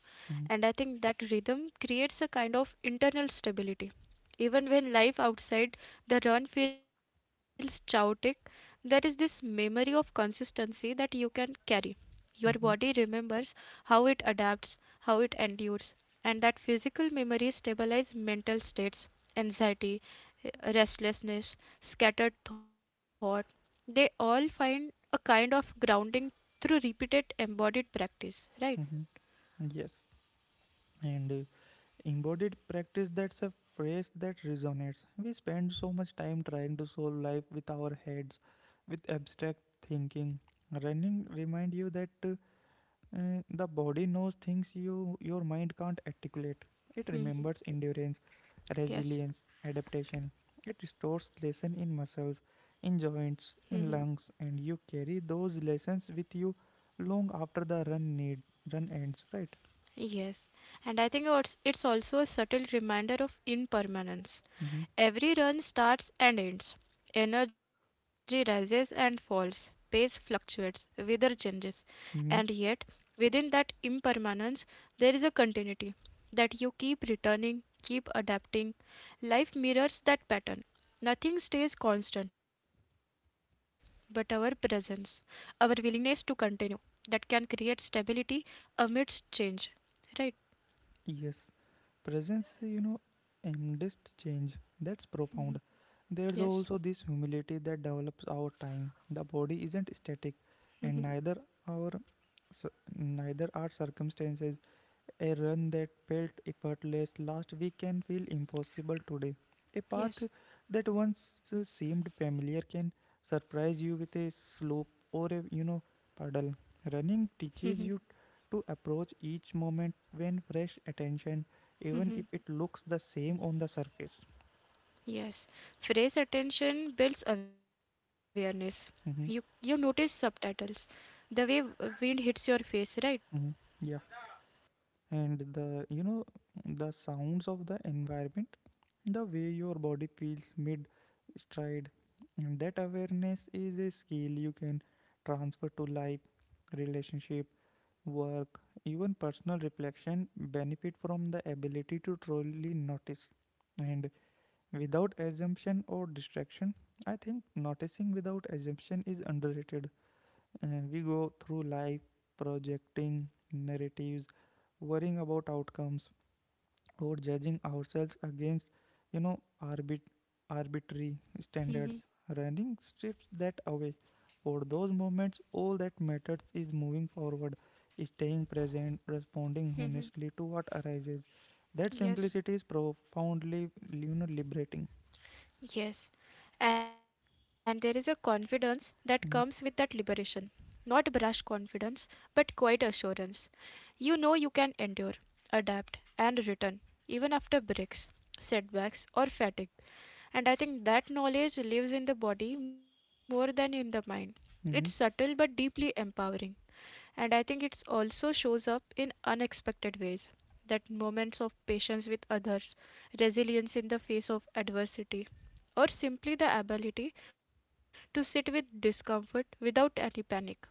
And I
mm-hmm,
think that rhythm creates a kind of internal stability. Even when life outside the run feels chaotic, there is this memory of consistency that you can carry. Your body
mm-hmm,
remembers how it adapts, how it endures, and that physical memory stabilizes mental states, anxiety, eh, restlessness, scattered thought. They all find a kind of grounding through repeated embodied practice, right?
mm-hmm. Yes, and uh, embodied practice, that's a phrase that resonates. We spend so much time trying to solve life with our heads, with abstract thinking. Running remind you that uh, Uh, the body knows things you your mind can't articulate. It
Mhm.
remembers endurance,
Yes.
resilience, adaptation. It stores lesson in muscles, in
Mhm.
joints, in lungs, and you carry those lessons with you long after the run need run ends. Right?
Yes. And I think it's, it's also a subtle reminder of impermanence.
Mm-hmm.
Every run starts and ends. Energy rises and falls, pace fluctuates, weather changes, and yet
Hmm.
within that impermanence there is a continuity that you keep returning, keep adapting. Life mirrors that pattern. Nothing stays constant, but our presence, our willingness to continue, that can create stability amidst change. Right?
Yes. Presence, you know, amidst change. That's
Mhm.
profound. There's
Yes.
also this humility that develops over time. The body isn't
Mhm.
static, and neither our So neither are circumstances. A run that felt effortless last week can feel impossible today. A
Yes.
path that once seemed familiar can surprise you with a slope or a you know puddle. Running teaches you to approach each moment when fresh attention, even
Mhm.
if it looks the same on the surface.
Yes, phrase attention builds awareness. You you notice
Mm-hmm.
subtitles, the way w- wind hits your face, right?
Mm-hmm. Yeah, and the you know the sounds of the environment, the way your body feels mid stride, and that awareness is a skill you can transfer to life, relationship, work. Even personal reflection benefit from the ability to truly notice and without assumption or distraction. I think noticing without assumption is underrated. Uh, we go through life projecting narratives, worrying about outcomes, or judging ourselves against, you know, arbit- arbitrary
Hmm.
standards. Running strips that away. For those moments, all that matters is moving forward, staying present, responding honestly to what arises. That
Yes.
simplicity is profoundly, you know, liberating.
Yes, and there is a confidence that comes with that liberation. Not brash confidence, but quiet assurance. You know you can endure, adapt, and return, even after breaks, setbacks, or fatigue. And I think that knowledge lives in the body more than in the mind. It's subtle
Mm-hmm.
but deeply empowering. And I think it also shows up in unexpected ways. That moments of patience with others, resilience in the face of adversity, or simply the ability to sit with discomfort without any panic.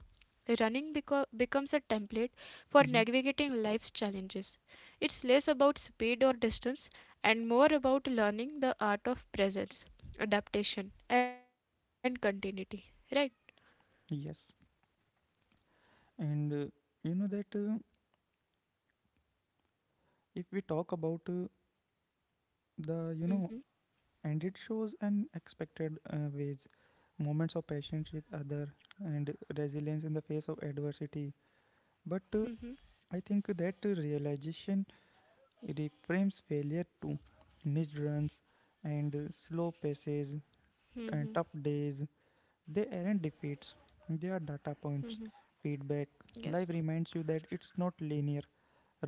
Running beco- becomes a template for
Hmm.
navigating life's challenges. It's less about speed or distance and more about learning the art of presence, adaptation, and continuity. Right?
Yes, and uh, you know that uh, if we talk about uh, the you know
Mm-hmm.
and it shows unexpected uh, ways, moments of patience with other and resilience in the face of adversity. but
Mm-hmm.
uh, I think that realization reframes failure to missed runs and uh, slow paces and
Mm-hmm.
tough days. They aren't defeats, they are data points, feedback.
Yes.
Life reminds you that it's not linear.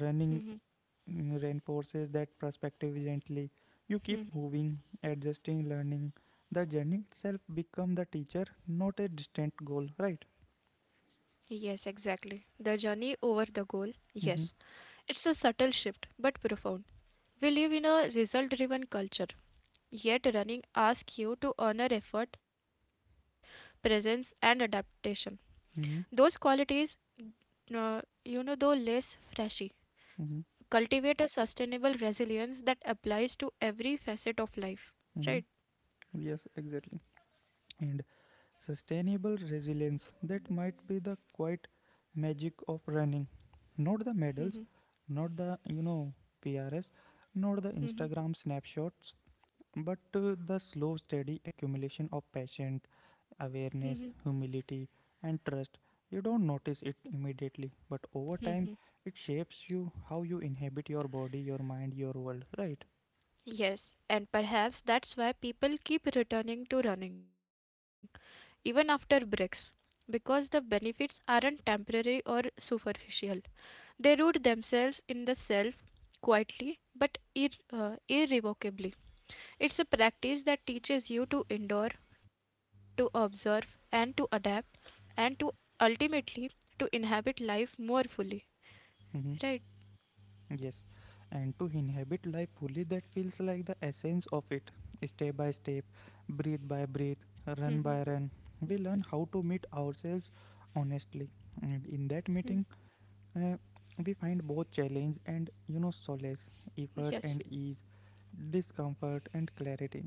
Running
Mm-hmm.
mm, reinforces that perspective gently. You keep
Mm-hmm.
moving, adjusting, learning. The journey itself become the teacher, not a distant goal, right?
Yes, exactly. The journey over the goal. Yes.
Mm-hmm.
It's a subtle shift, but profound. We live in a result driven culture. Yet running asks you to honor effort, presence, and adaptation. Those
Mm-hmm.
qualities, uh, you know, though less flashy,
Mm-hmm.
cultivate a sustainable resilience that applies to every facet of life. Right?
Mm-hmm. Yes, exactly. And sustainable resilience, that might be the quite magic of running. Not the medals, not the, you know, P R S, not the
Hmm.
Instagram snapshots, but uh, the slow, steady accumulation of passion,
Hmm.
awareness, humility, and trust. You don't notice it immediately, but over time, it shapes you how you inhabit your body, your mind, your world, right?
Yes, and perhaps that's why people keep returning to running, even after breaks, because the benefits aren't temporary or superficial. They root themselves in the self quietly but ir- uh, irrevocably. It's a practice that teaches you to endure, to observe, and to adapt, and to ultimately to inhabit life more fully. Right?
Hmm. Yes. And to inhabit life fully, that feels like the essence of it. Step by step, breathe by breathe, run
Mhm.
by run, we learn how to meet ourselves honestly. And in
Mhm.
that meeting, Uh, we find both challenge and you know solace, effort
Yes.
and ease, discomfort and clarity.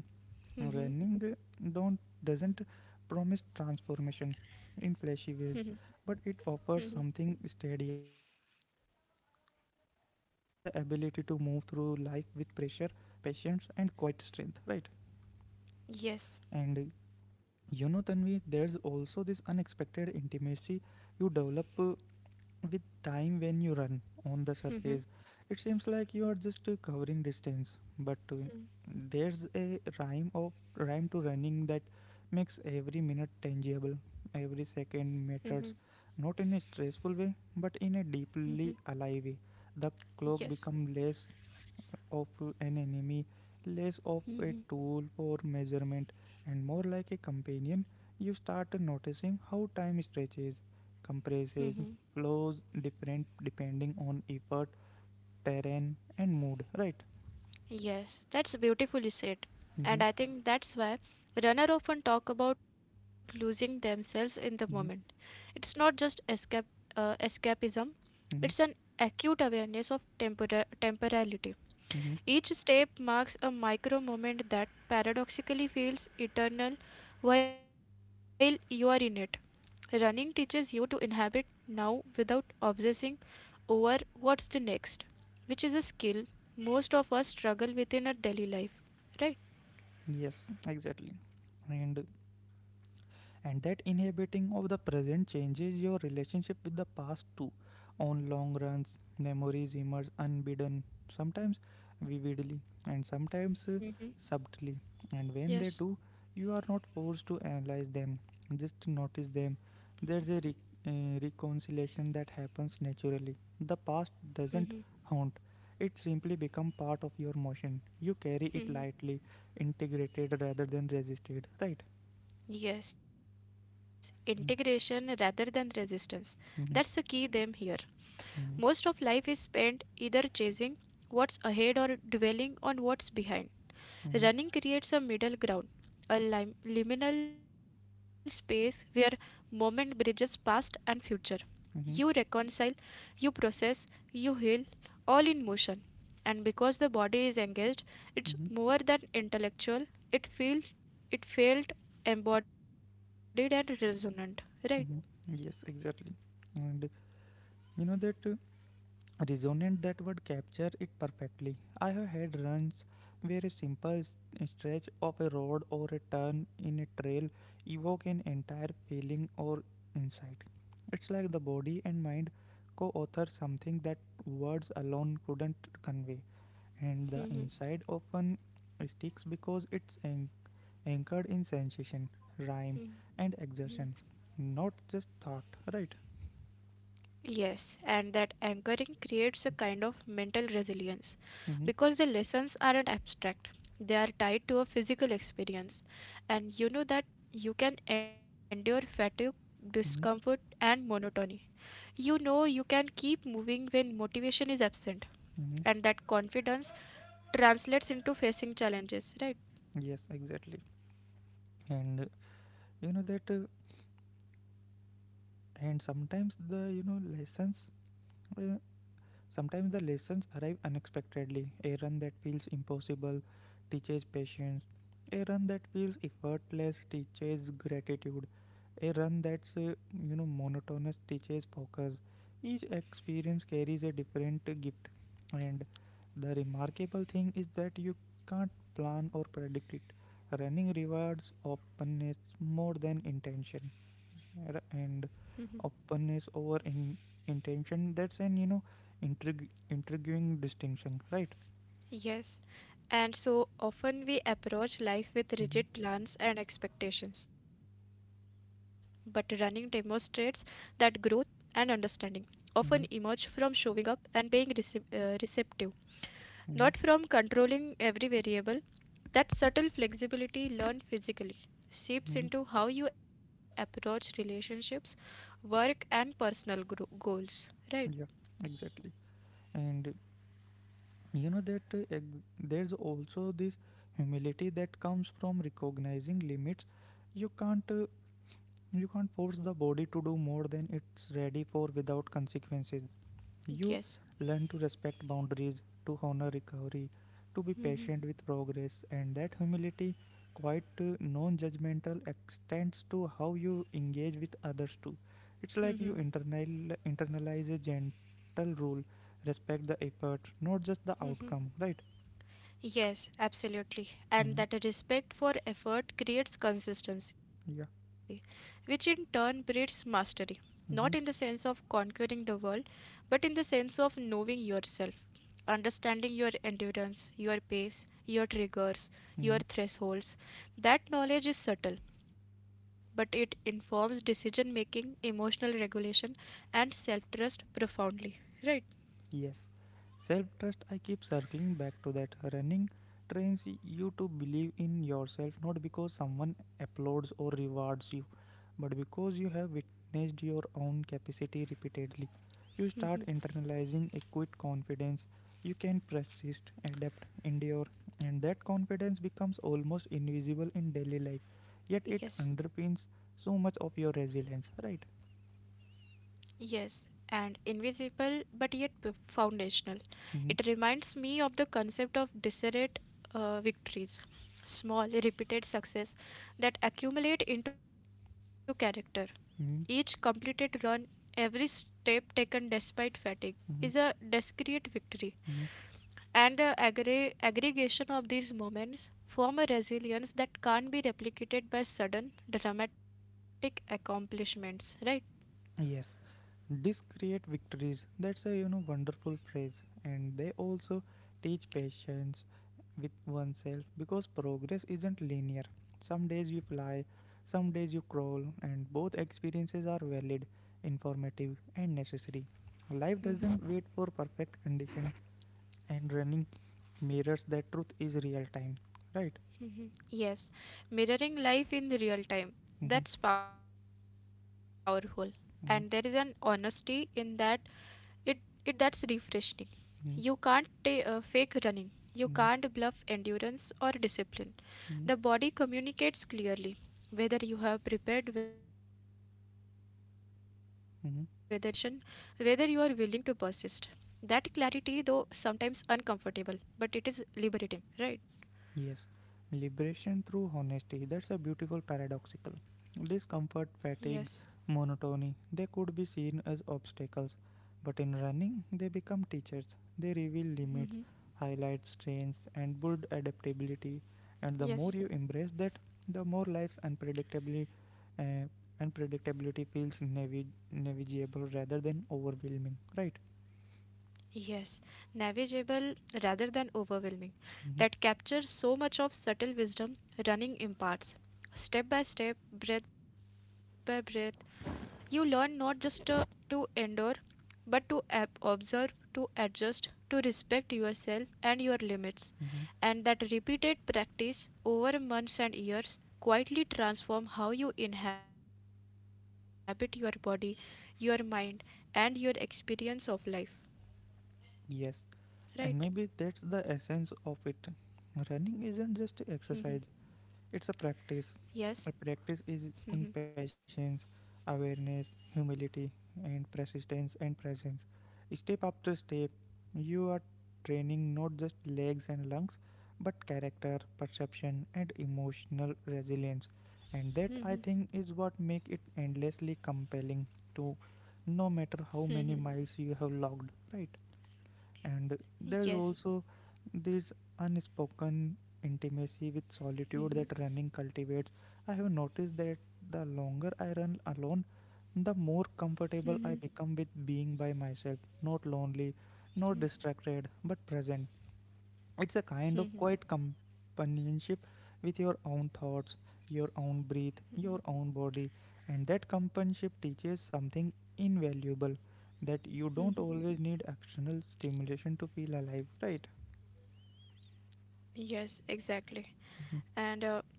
Mhm.
Running uh, don't doesn't promise transformation in
Mhm.
flashy ways, but it offers something steadier, deeper, the ability to move through life with pressure, patience and quiet strength, right? And uh,
Yes.
you know Tanvi, there's also this unexpected intimacy you develop uh, with time. When you run on the surface, it seems like you are just uh, covering distance, but uh, there's a rhyme of rhyme to running that makes every minute tangible, every
Mhm.
second matters, not in a stressful way but in a
Mhm.
deeply alive way. The clock
Yes.
becomes less of an enemy, less of a tool for measurement, and more like a companion. You start noticing how time stretches,
Mhm.
compresses, flows different depending on effort, terrain, and mood, right?
Yes. That's beautifully said.
Mm-hmm,
And I think that's why runner often talk about losing themselves in the moment.
mm-hmm,
It's not just escape uh, escapism. It's an
mm-hmm,
acute awareness of tempora- temporality.
mm-hmm.
Each step marks a micro moment that paradoxically feels eternal while you are in it. Running teaches you to inhabit now without obsessing over what's the next, which is a skill most of us struggle with in our daily life, right?
Yes, exactly. And and that inhibiting of the present changes your relationship with the past too. On long runs, memories emerge unbidden, sometimes vividly and sometimes uh, subtly,
Mm-hmm.
and when they do, you
Yes.
are not forced to analyze them, just notice them. There's a re- uh, reconciliation that happens naturally. The past doesn't
Mm-hmm.
haunt, it simply become part of your motion. You carry it lightly,
Mm-hmm.
integrated rather than resisted, right?
Yes, integration rather than resistance.
Mhm.
That's the key theme here.
Mm-hmm.
Most of life is spent either chasing what's ahead or dwelling on what's behind.
Mm-hmm.
Running creates a middle ground, a lim- liminal space where moment bridges past and future.
Mm-hmm.
You reconcile, you process, you heal, all in motion. And because the body is engaged,
Mm-hmm.
it's more than intellectual. It feels, it felt embodied and resonant. Right?
Mm-hmm. Yes, exactly. And you know that uh, resonant, that word capture it perfectly. I have had runs where a simple s- stretch of a road or a turn in a trail evoke an entire feeling or insight. It's like the body and mind co-author something that words alone couldn't convey, and the
Mm-hmm.
insight often sticks because it's anchored in sensation, rhyme, and exertion, not just thought, right?
Yes, and that anchoring creates a kind of mental resilience because
Mm-hmm,
the lessons aren't abstract. They are tied to a physical experience, and you know that you can endure fatigue, discomfort,
mm-hmm,
and monotony. You know you can keep moving when motivation is absent, and
mm-hmm.
that confidence translates into facing challenges, right?
Yes, exactly. And uh, you know that, uh, and sometimes the you know lessons uh, Sometimes the lessons arrive unexpectedly. A run that feels impossible teaches patience. A run that feels effortless teaches gratitude. A run that's uh, you know monotonous teaches focus. Each experience carries a different gift, and the remarkable thing is that you can't plan or predict it. Running rewards openness more than intention,
Mhm.
and openness over in intention. That's an you know intrig- intriguing distinction, right?
Yes, and so often we approach life with
Mm-hmm.
rigid plans and expectations, but running demonstrates that growth and understanding often emerge from
Mm-hmm.
showing up and being recep uh, receptive, not from
Mm-hmm.
controlling every variable. That subtle flexibility learned physically seeps
Mm-hmm.
into how you approach relationships, work, and personal gro goals, right?
Yeah, exactly. And you know that uh, ex- there's also this humility that comes from recognizing limits. You can't uh, you can't force the body to do more than it's ready for without consequences. You
Yes.
learn to respect boundaries, to honor recovery, to be
Hmm.
patient with progress, and that humility, quite non judgmental, extends to how you engage with others too. It's like
Hmm.
you internal, internalize a gentle rule, respect the effort, not just the outcome, right?
Yes, absolutely. And
Hmm.
that respect for effort creates consistency,
Yeah.
which in turn breeds mastery. Not in the sense of
Mm-hmm.
conquering the world, but in the sense of knowing yourself, understanding your endurance, your pace, your triggers, your thresholds. That knowledge is subtle, but it informs decision making, emotional regulation, and self trust profoundly. Right?
Yes, self trust. I keep circling back to that. Running trains you to believe in yourself not because someone applauds or rewards you, but because you have witnessed your own capacity repeatedly. You start internalizing a quiet confidence. You can persist, adapt, endure, and that confidence becomes almost invisible in daily life. Yet it
Yes.
underpins so much of your resilience, right?
Yes, and invisible but yet p- foundational. It
Mm-hmm,
reminds me of the concept of disparate, uh, victories, small, repeated success that accumulate into character. Each
mm-hmm,
completed
mm-hmm,
run, every step taken despite fatigue, is a
mm-hmm.
discrete victory. And the aggre- aggregation of these moments form a resilience that can't be replicated by sudden, dramatic accomplishments, right?
Yes, discreet victories. That's a you know wonderful phrase, and they also teach patience with oneself because progress isn't linear. Some days you fly, some days you crawl, and both experiences are valid, informative, and necessary. Life
Mm-hmm.
doesn't wait for perfect condition, and running mirrors that truth is real time. Right?
Mhm. Yes, mirroring life in real time.
Mm-hmm.
That's powerful. And there is an honesty
Mm-hmm.
in that it it that's refreshing. You can't ta-
Mm-hmm.
uh, fake running. You can't bluff
Mm-hmm.
endurance or discipline. The body communicates clearly whether you have prepared, whether you are paying attention, whether you are willing to
Mm-hmm.
persist. That clarity, though sometimes uncomfortable, but it is liberating, right?
Yes, liberation through honesty. That's a beautiful paradoxical. Discomfort,
Yes.
fatigue, monotony, they could be seen as obstacles, but in running, they become teachers. They reveal limits,
Hmm.
highlight strengths, and build adaptability. And the more you embrace
Yes.
that, the more life's unpredictably, uh, unpredictability feels navi- navigable rather than overwhelming. Right?
Yes, navigable rather than
Hmm.
overwhelming, that captures so much of subtle wisdom running imparts. Step by step, breath by breath, you learn not just uh, to endure, but to ab- observe, to adjust, to respect yourself and your
Hmm.
limits. And that repeated practice over months and years quietly transform how you inhabit your body, your mind, and your experience of life.
Yes,
Right?
and maybe that's the essence of it. Running isn't just exercise, it's a practice.
Yes.
A practice is in patience, awareness, humility, and persistence and presence. Step after step, you are training not just legs and lungs, but character, perception, and emotional resilience. And that I think is
Mhm,
what makes it endlessly compelling to, no matter how
mhm.
many miles you have logged, right? And there's
Yes.
also this unspoken intimacy with solitude
Mhm,
that running cultivates. I have noticed that the longer I run alone, the more comfortable I
mhm,
become with being by myself, not lonely, not distracted, but present. It's a kind of
mhm.
quiet companionship with your own thoughts, your own breath, your own body, and that companionship teaches something invaluable, that you don't always need external stimulation to feel alive, right?
Yes, exactly.
Mhm,
And uh,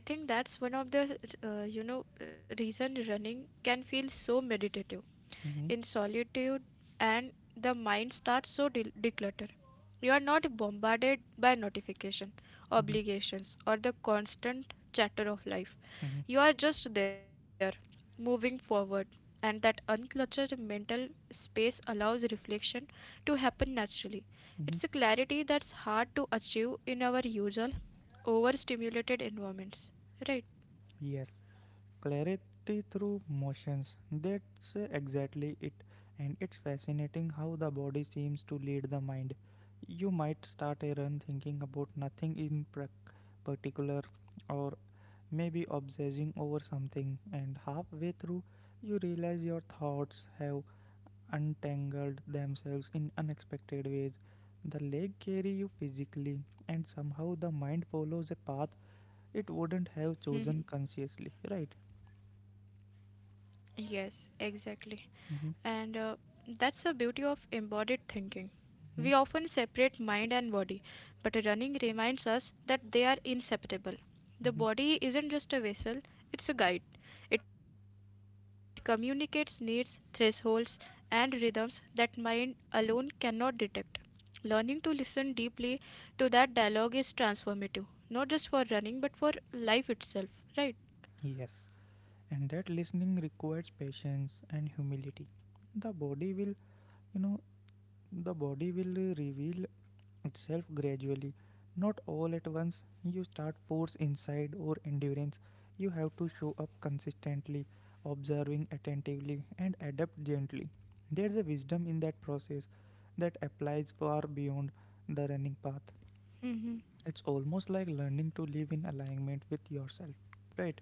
I think that's one of the uh, you know reason running can feel so meditative
mhm,
in solitude and the mind starts so de decluttered. You are not bombarded by notification,
mhm,
obligations, or the constant chatter of life.
mhm,
You are just there, moving forward, and that uncluttered mental space allows reflection to happen naturally.
mhm.
It's a clarity that's hard to achieve in our usual overstimulated environments. Right?
Yes, clarity through motions. That's exactly it. And it's fascinating how the body seems to lead the mind. You might start a run thinking about nothing in particular, or maybe obsessing over something, and halfway through, you realize your thoughts have untangled themselves in unexpected ways. The legs carry you physically, and somehow the mind follows a path it wouldn't have chosen consciously, right?
Yes, exactly.
Mhm.
And uh, that's the beauty of embodied thinking.
Hmm?
We often separate mind and body, but running reminds us that they are inseparable.
Mhm.
The body isn't just a vessel, it's a guide. It communicates needs, thresholds, and rhythms that mind alone cannot detect. Learning to listen deeply to that dialogue is transformative, not just for running, but for life itself, right?
Yes, and that listening requires patience and humility. The body will, you know, the body will uh, reveal itself gradually, not all at once. You start force inside or endurance. You have to show up consistently, observing attentively, and adapt gently. There's a wisdom in that process that applies far beyond the running path.
Hmm.
It's almost like learning to live in alignment with yourself, right?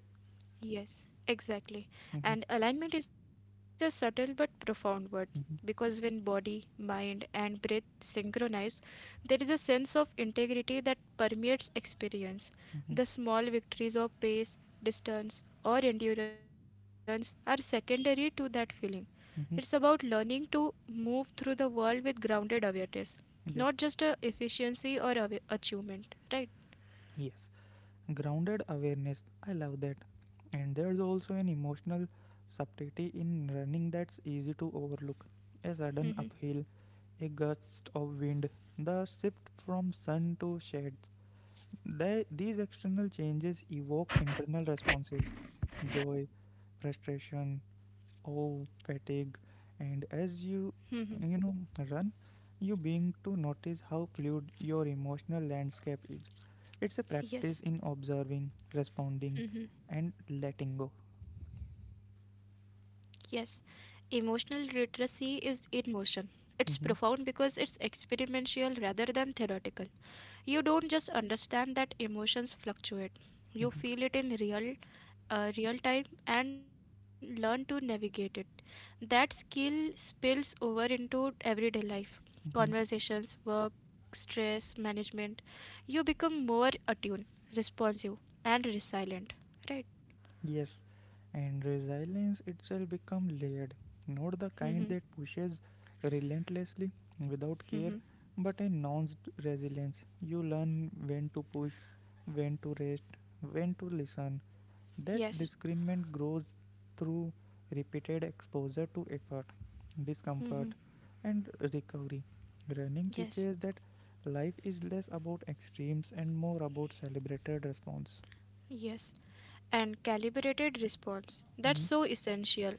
Yes, exactly.
Hmm.
And alignment is a subtle but profound word because when body, mind, and breath synchronize, there is a sense of integrity that permeates experience.
Mhm,
The small victories of pace, distance, or endurance are secondary to that feeling. It's
mhm.
about learning to move through the world with grounded awareness,
Yeah,
not just a efficiency or awa- achievement, right?
yes. Grounded awareness. I love that. And there's also an emotional subtlety in running that's easy to overlook. A sudden uphill,
Hmm.
a gust of wind, the shift from sun to shades. They, these external changes evoke internal responses: joy, frustration, oh fatigue. And as you
Hmm.
you know run, you begin to notice how fluid your emotional landscape is. It's a practice in
Yes.
observing, responding, and
Mm-hmm.
letting go.
Yes, emotional literacy is in motion. It's
Hmm.
profound because it's experiential rather than theoretical. You don't just understand that emotions fluctuate. You
Hmm.
feel it in real uh, real time and learn to navigate it. That skill spills over into everyday life,
Hmm.
conversations, work, stress management. You become more attuned, responsive, and resilient. Right?
Yes, and resilience itself become layered, not the kind that
Hmm.
pushes relentlessly without care,
Hmm.
but a nuanced resilience. You learn when to push, when to rest, when to listen. That
Yes.
discernment grows through repeated exposure to effort, discomfort,
Hmm. Yes.
and recovery. Running teaches
Yes,
that life is less about extremes and more about celebrated response.
yes. And calibrated response. That's
Mhm,
so essential.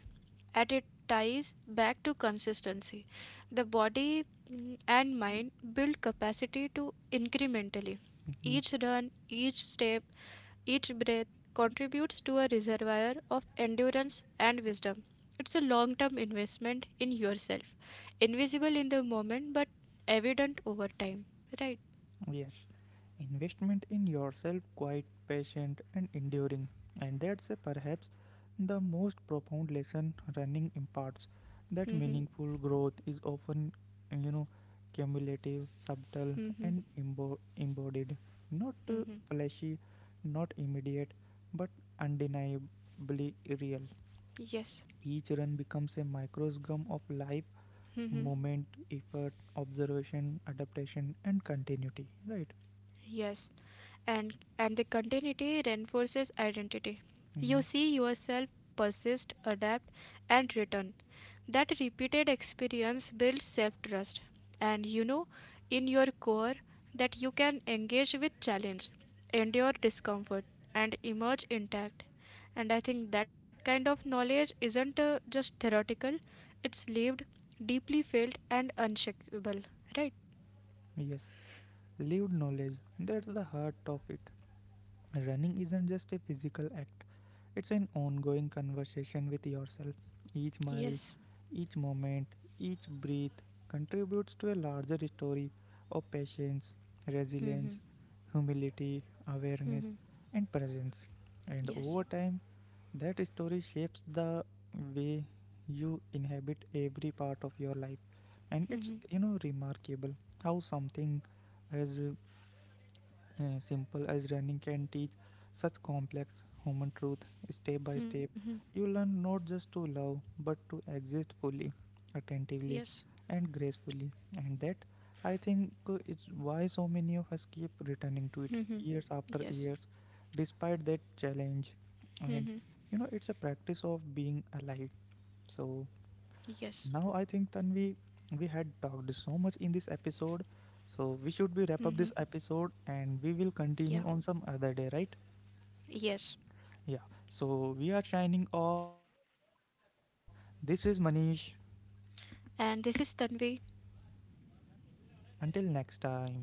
And it ties back to consistency. The body, mm, and mind build capacity to incrementally.
mhm.
Each run, each step, each breath contributes to a reservoir of endurance and wisdom. It's a long term investment in yourself, invisible in the moment but evident over time. Right?
Yes, investment in yourself, quite patient and enduring, and that's uh, perhaps the most profound lesson running imparts. That
Mm-hmm.
meaningful growth is often, you know, cumulative, subtle,
Mm-hmm.
and embo- embodied, not uh,
Mm-hmm.
flashy, not immediate, but undeniably real.
Yes.
Each run becomes a microscum of life,
Mm-hmm.
moment, effort, observation, adaptation, and continuity. Right.
Yes. and and the continuity reinforces identity. You
Mm-hmm.
see yourself persist, adapt, and return. That repeated experience builds self-trust, and you know in your core that you can engage with challenge, endure discomfort, and emerge intact. And I think that kind of knowledge isn't uh, just theoretical; it's lived, deeply felt, and unshakable. Right?
Yes, lived knowledge, that's the heart of it. Running isn't just a physical act, it's an ongoing conversation with yourself. Each mile,
Yes.
each moment, each breath contributes to a larger story of patience, resilience,
Mm-hmm.
humility, awareness,
Mm-hmm.
and presence. And over
Yes.
time, that story shapes the way you inhabit every part of your life. And it's, you
Mm-hmm.
know, remarkable how something as uh, simple as running can teach such complex human truth, step by step.
Mm-hmm.
You learn not just to love, but to exist fully, attentively,
Yes.
and gracefully. And that, I think, uh, is why so many of us keep returning to it
Mm-hmm.
years after years,
Yes.
despite that challenge. And
Mm-hmm.
you know, it's a practice of being alive. So,
Yes.
now I think Tanvi, we had talked so much in this episode, so we should
Mm-hmm.
be wrap up this episode and we will
Yeah.
continue on some other day, right?
Yes.
Yeah. So we are signing off. This is Manish.
And this is Tanvi.
Until next time.